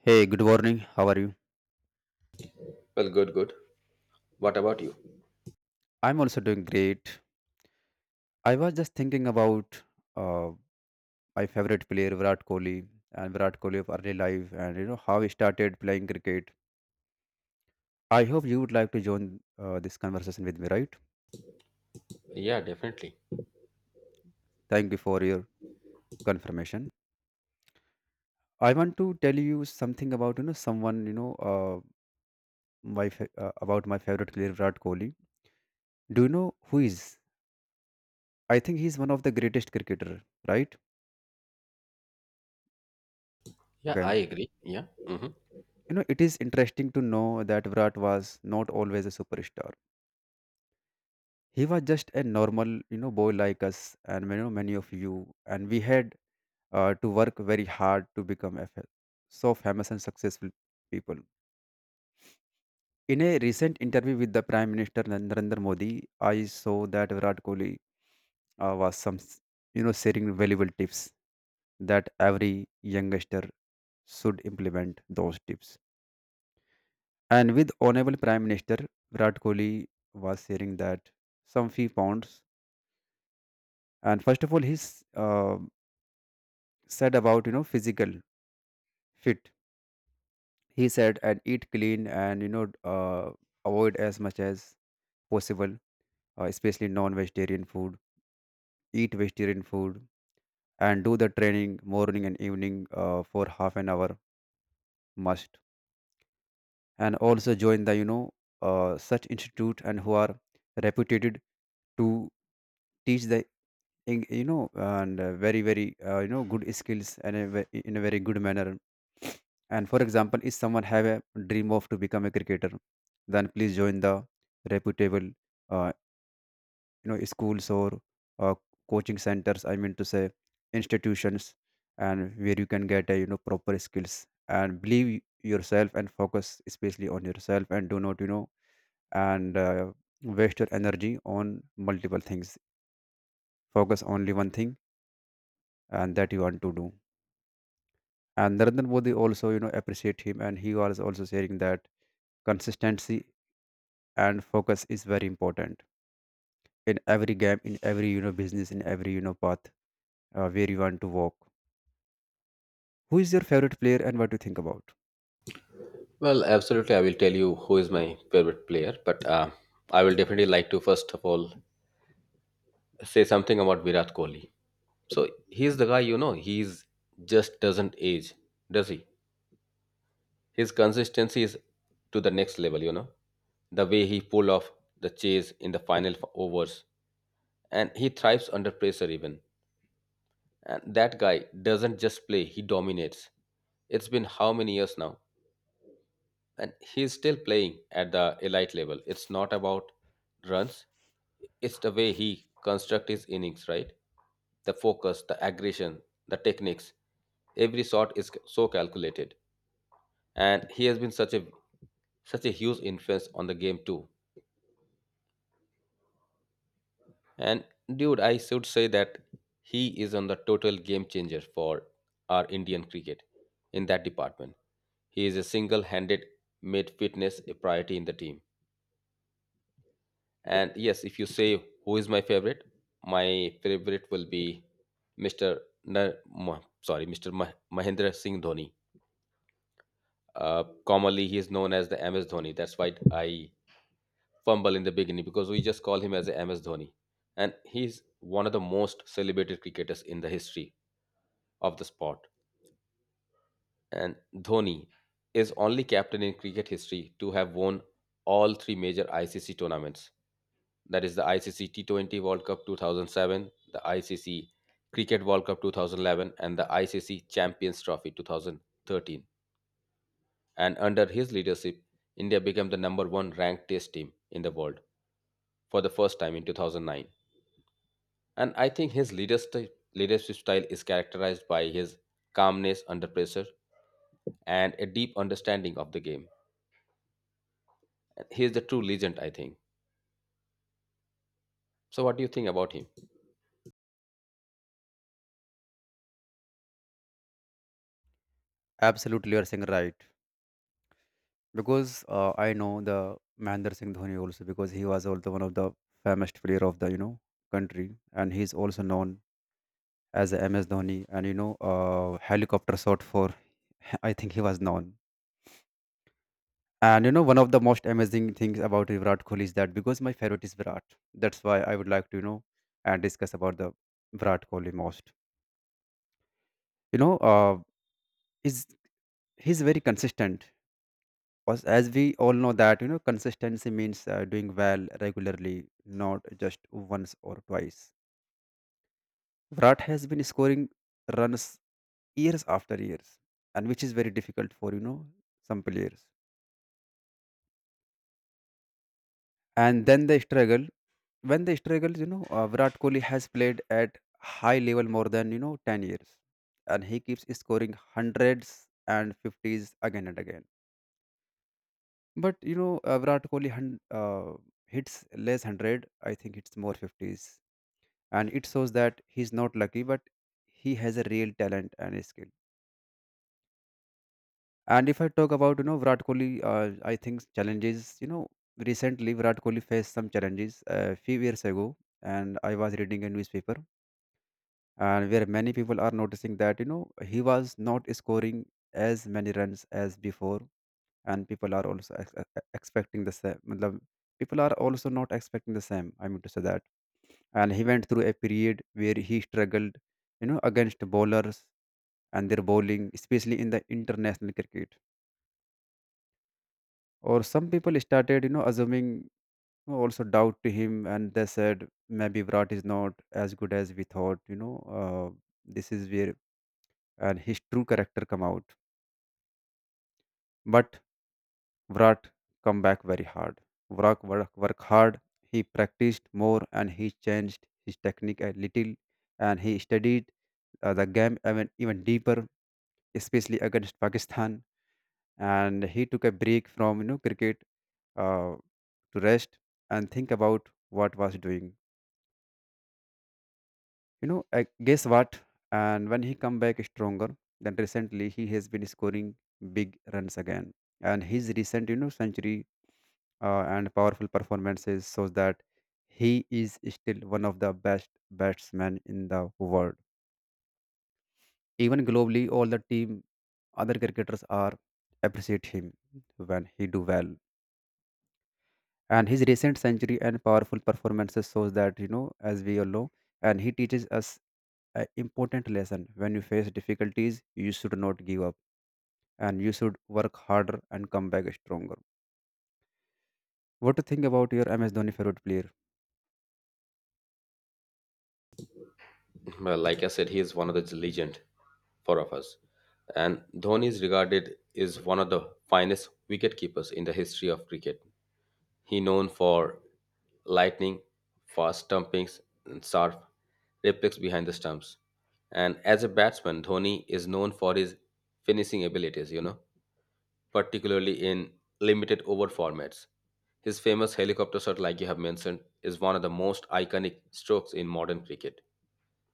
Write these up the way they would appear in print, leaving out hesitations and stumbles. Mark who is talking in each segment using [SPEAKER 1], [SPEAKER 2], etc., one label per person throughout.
[SPEAKER 1] Hey, good morning. How are you?
[SPEAKER 2] Well, good. What about you?
[SPEAKER 1] I'm also doing great. I was just thinking about uh, my favorite player Virat Kohli and Virat Kohli of early life, and you know how he started playing cricket. I hope you would like to join this conversation with me, right?
[SPEAKER 2] Yeah, definitely.
[SPEAKER 1] Thank you for your confirmation. I want to tell you something about you know someone you know about my favorite player Virat Kohli. Do you know who is? I think he's one of the greatest cricketer, right?
[SPEAKER 2] Yeah, I
[SPEAKER 1] Okay.
[SPEAKER 2] agree. Yeah.
[SPEAKER 1] You know, it is interesting to know that Virat was not always a superstar. He was just a normal, you know, boy like us and you know, many of you. And we had to work very hard to become so famous and successful people. In a recent interview with the Prime Minister Narendra Modi, I saw that Virat Kohli uh, was some, s- you know, sharing valuable tips that every youngster should implement those tips. And with Honorable Prime Minister Virat Kohli was sharing that some few pounds. And first of all, he's said about you know physical fit. He said and eat clean and you know avoid as much as possible, especially non-vegetarian food. Eat vegetarian food and do the training morning and evening for half an hour must. And also join the you know such institute and who are reputed to teach the you know and very you know good skills and in a very good manner, and for example if someone have a dream of to become a cricketer, then please join the reputable, uh, you know, schools or uh, coaching centers, I mean to say institutions, and where you can get a you know proper skills and believe yourself and focus especially on yourself and do not you know and waste your energy on multiple things, focus only one thing and that you want to do. And Narendra Modi also you know appreciate him and he was also sharing that consistency and focus is very important in every game, in every you know business, in every you know path where you want to walk. Who is your favorite player and what do you think about?
[SPEAKER 2] Well, absolutely. I will tell you who is my favorite player, but I will definitely like to first of all say something about Virat Kohli. So he's the guy, you know, he's just doesn't age, does he? His consistency is to the next level, you know. The way he pull off the chase in the overs, and he thrives under pressure even. And that guy doesn't just play, he dominates. It's been how many years now? And he's still playing at the elite level. It's not about runs, it's the way he constructs his innings, right? The focus, the aggression, the techniques. Every shot is so calculated. And he has been such a such a huge influence on the game too. And dude, I should say that he is on the total game changer for our Indian cricket in that department. He is a single-handed made fitness a priority in the team. And yes, if you say who is my favorite will be Mr. Mr. Mahendra Singh Dhoni. Commonly, he is known as the MS Dhoni. That's why I fumble in the beginning because we just call him as a MS Dhoni, and he's one of the most celebrated cricketers in the history of the sport. And Dhoni is only captain in cricket history to have won all three major ICC tournaments. That is the ICC T20 World Cup 2007, the ICC Cricket World Cup 2011, and the ICC Champions Trophy 2013. And under his leadership, India became the number one ranked test team in the world for the first time in 2009. And I think his leadership style is characterized by his calmness under pressure and a deep understanding of the game. He is the true legend, I think. So what do you think about him?
[SPEAKER 1] Absolutely, you are saying right, because I know the Mahendra Singh Dhoni also, because he was also one of the famous player of the you know country and he is also known as the MS Dhoni and you know helicopter shot for I think he was known. And you know, one of the most amazing things about Virat Kohli is that because my favorite is Virat, that's why I would like to you know and discuss about the Virat Kohli most. You know, is he's very consistent. As we all know that you know, consistency means doing well regularly, not just once or twice. Virat has been scoring runs years after years, and which is very difficult for you know some players. And then they struggle. When they struggled, you know, Virat Kohli has played at high level more than you know 10 years, and he keeps scoring hundreds and fifties again and again. But you know, hits less hundred. I think it's more fifties, and it shows that he's not lucky, but he has a real talent and a skill. And if I talk about you know Virat Kohli, I think challenges. You know, recently Virat Kohli faced some challenges a few years ago, and I was reading a newspaper and where many people are noticing that you know he was not scoring as many runs as before, and people are also expecting the same matlab, people are also not expecting the same, I mean to say that, and he went through a period where he struggled you know against bowlers and their bowling, especially in the international cricket, or some people started you know assuming also doubt to him and they said maybe Virat is not as good as we thought, you know, this is where and his true character come out. But Vrat come back very hard. Vrak work hard. He practiced more and he changed his technique a little and he studied the game even deeper, especially against Pakistan. And he took a break from you know cricket uh, to rest and think about what was doing. You know, I guess what? And when he come back stronger, then recently he has been scoring big runs again. And his recent you know century and powerful performances shows that he is still one of the best batsmen in the world. Even globally, all the team, other cricketers are appreciate him when he do well. And his recent century and powerful performances shows that, you know, as we all know, and he teaches us an important lesson. When you face difficulties, you should not give up, and you should work harder and come back stronger. What to think about your MS Dhoni favorite player?
[SPEAKER 2] Well, like I said, he is one of the legend for of us, and Dhoni is regarded as one of the finest wicketkeepers in the history of cricket. He known for lightning fast stumpings and sharp replicas behind the stumps. And as a batsman, Dhoni is known for his finishing abilities, you know, particularly in limited over formats. His famous helicopter shot, like you have mentioned, is one of the most iconic strokes in modern cricket.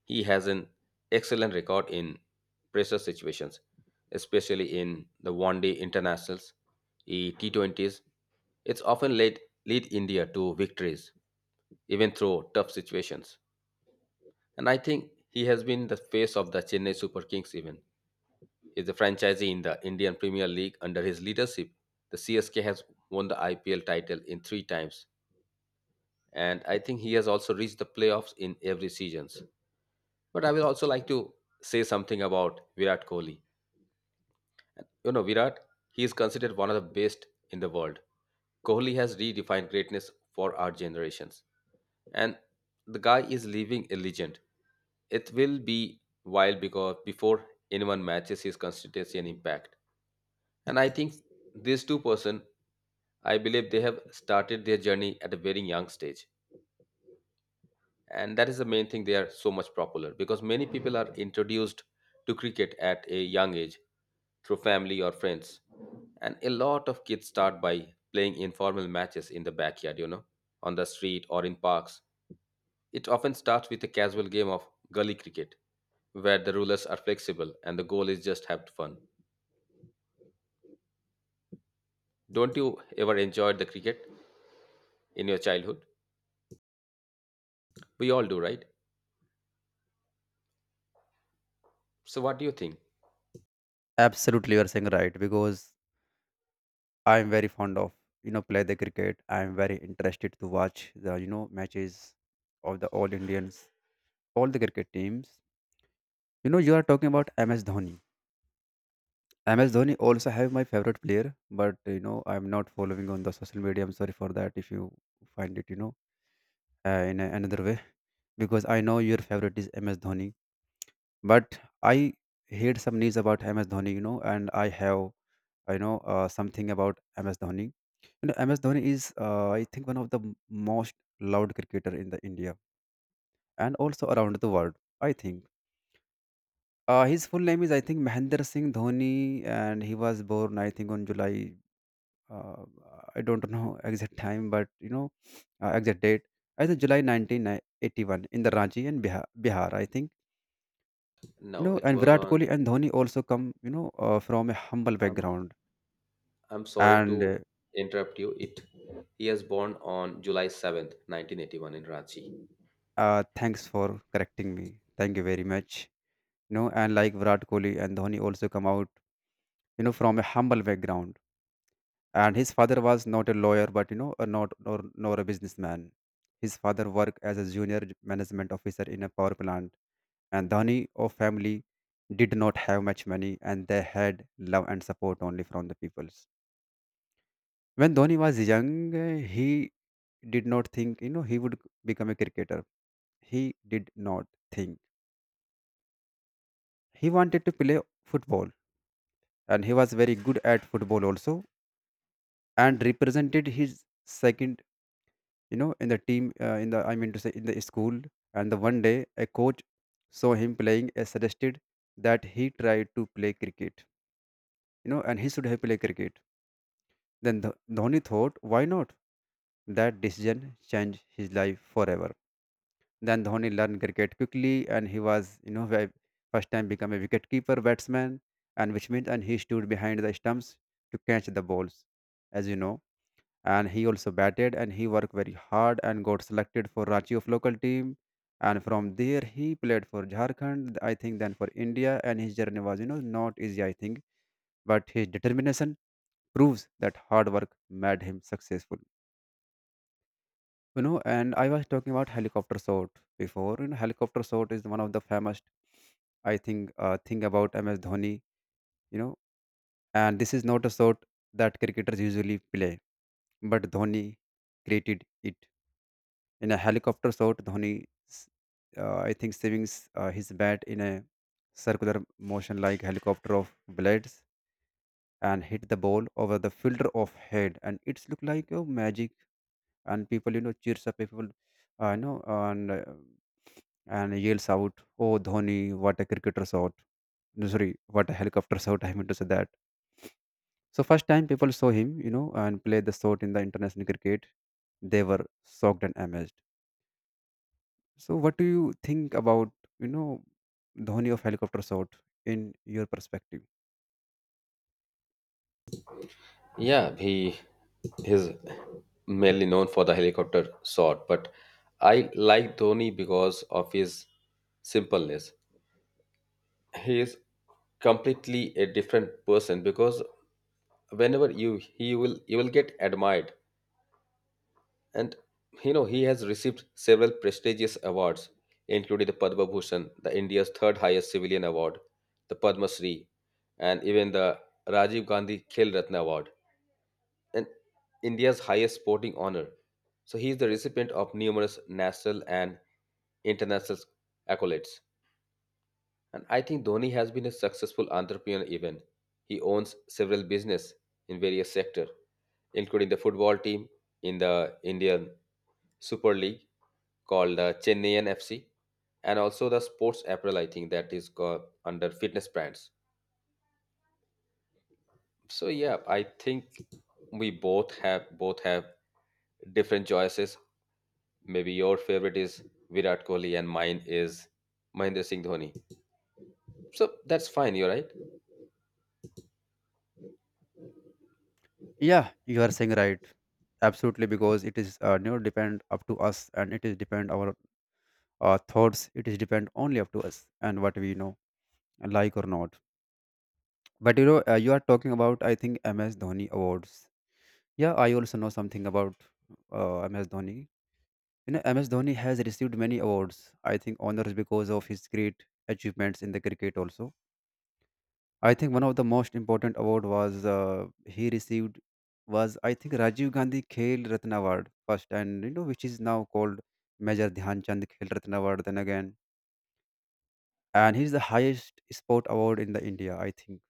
[SPEAKER 2] He has an excellent record in pressure situations, especially in the one day internationals, the T20s. It's often led lead India to victories, even through tough situations. And I think he has been the face of the Chennai Super Kings, even is a franchisee in the Indian Premier League. Under his leadership, the CSK has won the IPL title in three times, and I think he has also reached the playoffs in every seasons. But I will also like to say something about Virat Kohli. You know, Virat, he is considered one of the best in the world. Kohli has redefined greatness for our generations, and the guy is living a legend. It will be wild because before anyone matches his consistency and impact. And I think these two person, I believe they have started their journey at a very young stage. And that is the main thing they are so much popular because many people are introduced to cricket at a young age through family or friends. And a lot of kids start by playing informal matches in the backyard, you know, on the street or in parks. It often starts with a casual game of gully cricket where the rulers are flexible and the goal is just have fun. Don't you ever enjoy the cricket in your childhood? We all do, right? So, what do you think?
[SPEAKER 1] Absolutely, you are saying right, because I'm very fond of you know play the cricket. I'm very interested to watch the you know matches of the all Indians, all the cricket teams. You know you are talking about MS Dhoni. MS Dhoni also have my favorite player, but you know I'm not following on the social media. I'm sorry for that if you find it you know in a, another way, because I know your favorite is MS Dhoni, but I heard some news about MS Dhoni, you know, and I have I know something about MS Dhoni. You know, MS Dhoni is, I think, one of the most loved cricketer in the India and also around the world. I think his full name is, I think, Mahendra Singh Dhoni, and he was born, I think, on July. Uh, I don't know exact time, but you know, exact date. I think July 1981 in the Ranchi and Bihar, I think. You
[SPEAKER 2] No,
[SPEAKER 1] know,
[SPEAKER 2] it
[SPEAKER 1] and
[SPEAKER 2] was
[SPEAKER 1] Virat
[SPEAKER 2] on.
[SPEAKER 1] Kohli and Dhoni also come, you know, from a humble
[SPEAKER 2] Um,
[SPEAKER 1] background
[SPEAKER 2] I'm sorry to
[SPEAKER 1] and.
[SPEAKER 2] interrupt you. It He was born on July 7th, 1981, in Ranchi.
[SPEAKER 1] Thanks for correcting me. Thank you very
[SPEAKER 2] Yeah,
[SPEAKER 1] much. You know, and like Virat Kohli and Dhoni also come out, you know, from a humble background. And his father was not a lawyer, but you know, a not nor a businessman. His father worked as a junior management officer in a power plant. And Dhoni of family did not have much money, and they had love and support only from the peoples. When Dhoni was young, he did not think, you know, he would become a cricketer. He did not think. He wanted to play football and he was very good at football also and represented his second, you know, in the team, in the, i mean to say, in the school. And the one day a coach saw him playing and suggested that he tried to play cricket, you know, and he should have played cricket. Then Dhoni thought, why not? That decision changed his life forever. Then Dhoni learned cricket quickly, and he was, you know, first time become a wicketkeeper batsman, and which means and he stood behind the stumps to catch the balls, as you know. And he also batted, and he worked very hard and got selected for Ranchi of local team. And from there, he played for Jharkhand, I think, then for India. And his journey was, you know, not easy, I think, but his determination proves that hard work made him successful. You know, and I was talking about helicopter shot before. You know, helicopter shot is one of the famous, I think, thing about MS Dhoni, you know, and this is not a shot that cricketers usually play, but Dhoni created it. In a helicopter shot, Dhoni s- I think savings his bat in a circular motion like helicopter of blades and hit the ball over the fielder of head, and it's look like a magic, and people you know cheers up people. I know, and yells out, "Oh Dhoni, what a cricketer shot!" No, sorry, what a helicopter shot. I meant to say that. So first time people saw him, you know, and play the shot in the international cricket, they were shocked and amazed. So what do you think about you know Dhoni of helicopter shot in your perspective?
[SPEAKER 2] yeah, he is mainly known for the helicopter shot, but I like Dhoni because of his simpleness. He is completely a different person because whenever you he will you will get admired. And you know, he has received several prestigious awards, including the Padma Bhushan, the India's third highest civilian award, the Padma Shri, and even the Rajiv Gandhi Khel Ratna Award, and India's highest sporting honor. So he is the recipient of numerous national and international accolades. And I think Dhoni has been a successful entrepreneur even. He owns several business in various sectors, including the football team in the Indian Super League called Chennaiyan FC, and also the sports apparel, I think, that is called under fitness brands. So yeah, I think we both have different choices. Maybe your favorite is Virat Kohli and mine is Mahendra Singh Dhoni. So that's fine, you're right.
[SPEAKER 1] Yeah, you are saying right. Absolutely, because it is never depend up to us, and it is depend our thoughts. It is depend only up to us and what we know, like or not. But you know, you are talking about I think MS Dhoni awards. Yeah, I also know something about MS Dhoni. You know, MS Dhoni has received many awards. I think honors because of his great achievements in the cricket. Also, I think one of the most important award was he received was I think Rajiv Gandhi Khel Ratna Award first, and you know which is now called Major Dhyanchand Khel Ratna Award. Then again, and he's the highest sport award in the India, I think,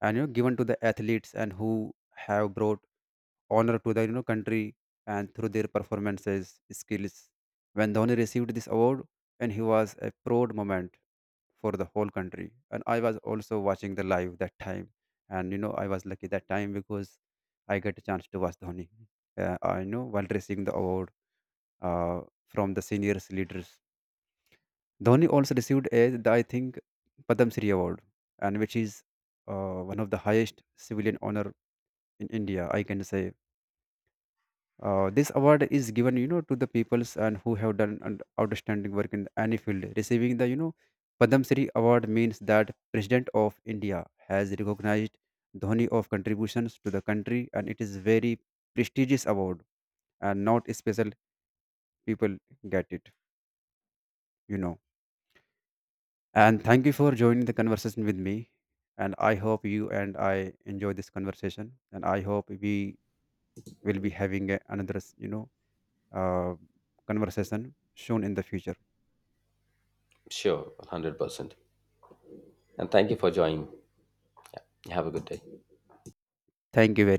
[SPEAKER 1] and you know given to the athletes and who have brought honor to the you know country and through their performances skills. When Dhoni received this award, and he was a proud moment for the whole country. And I was also watching the live that time, and you know I was lucky that time because I got a chance to watch Dhoni. I know while receiving the award uh, from the seniors leaders. Dhoni also received a, the, I think, Padam Shri award, and which is one of the highest civilian honor in India, I can say. This award is given, you know, to the peoples and who have done an outstanding work in any field. Receiving the, you know, Padam Shri Award means that President of India has recognized Dhoni of contributions to the country, and it is very prestigious award, and not special people get it, you know. And thank you for joining the conversation with me. And I hope you and I enjoy this conversation, and I hope we will be having a, another, you know, uh, conversation soon in the future.
[SPEAKER 2] Sure, 100%. And thank you for joining. Have a good day.
[SPEAKER 1] Thank you very much.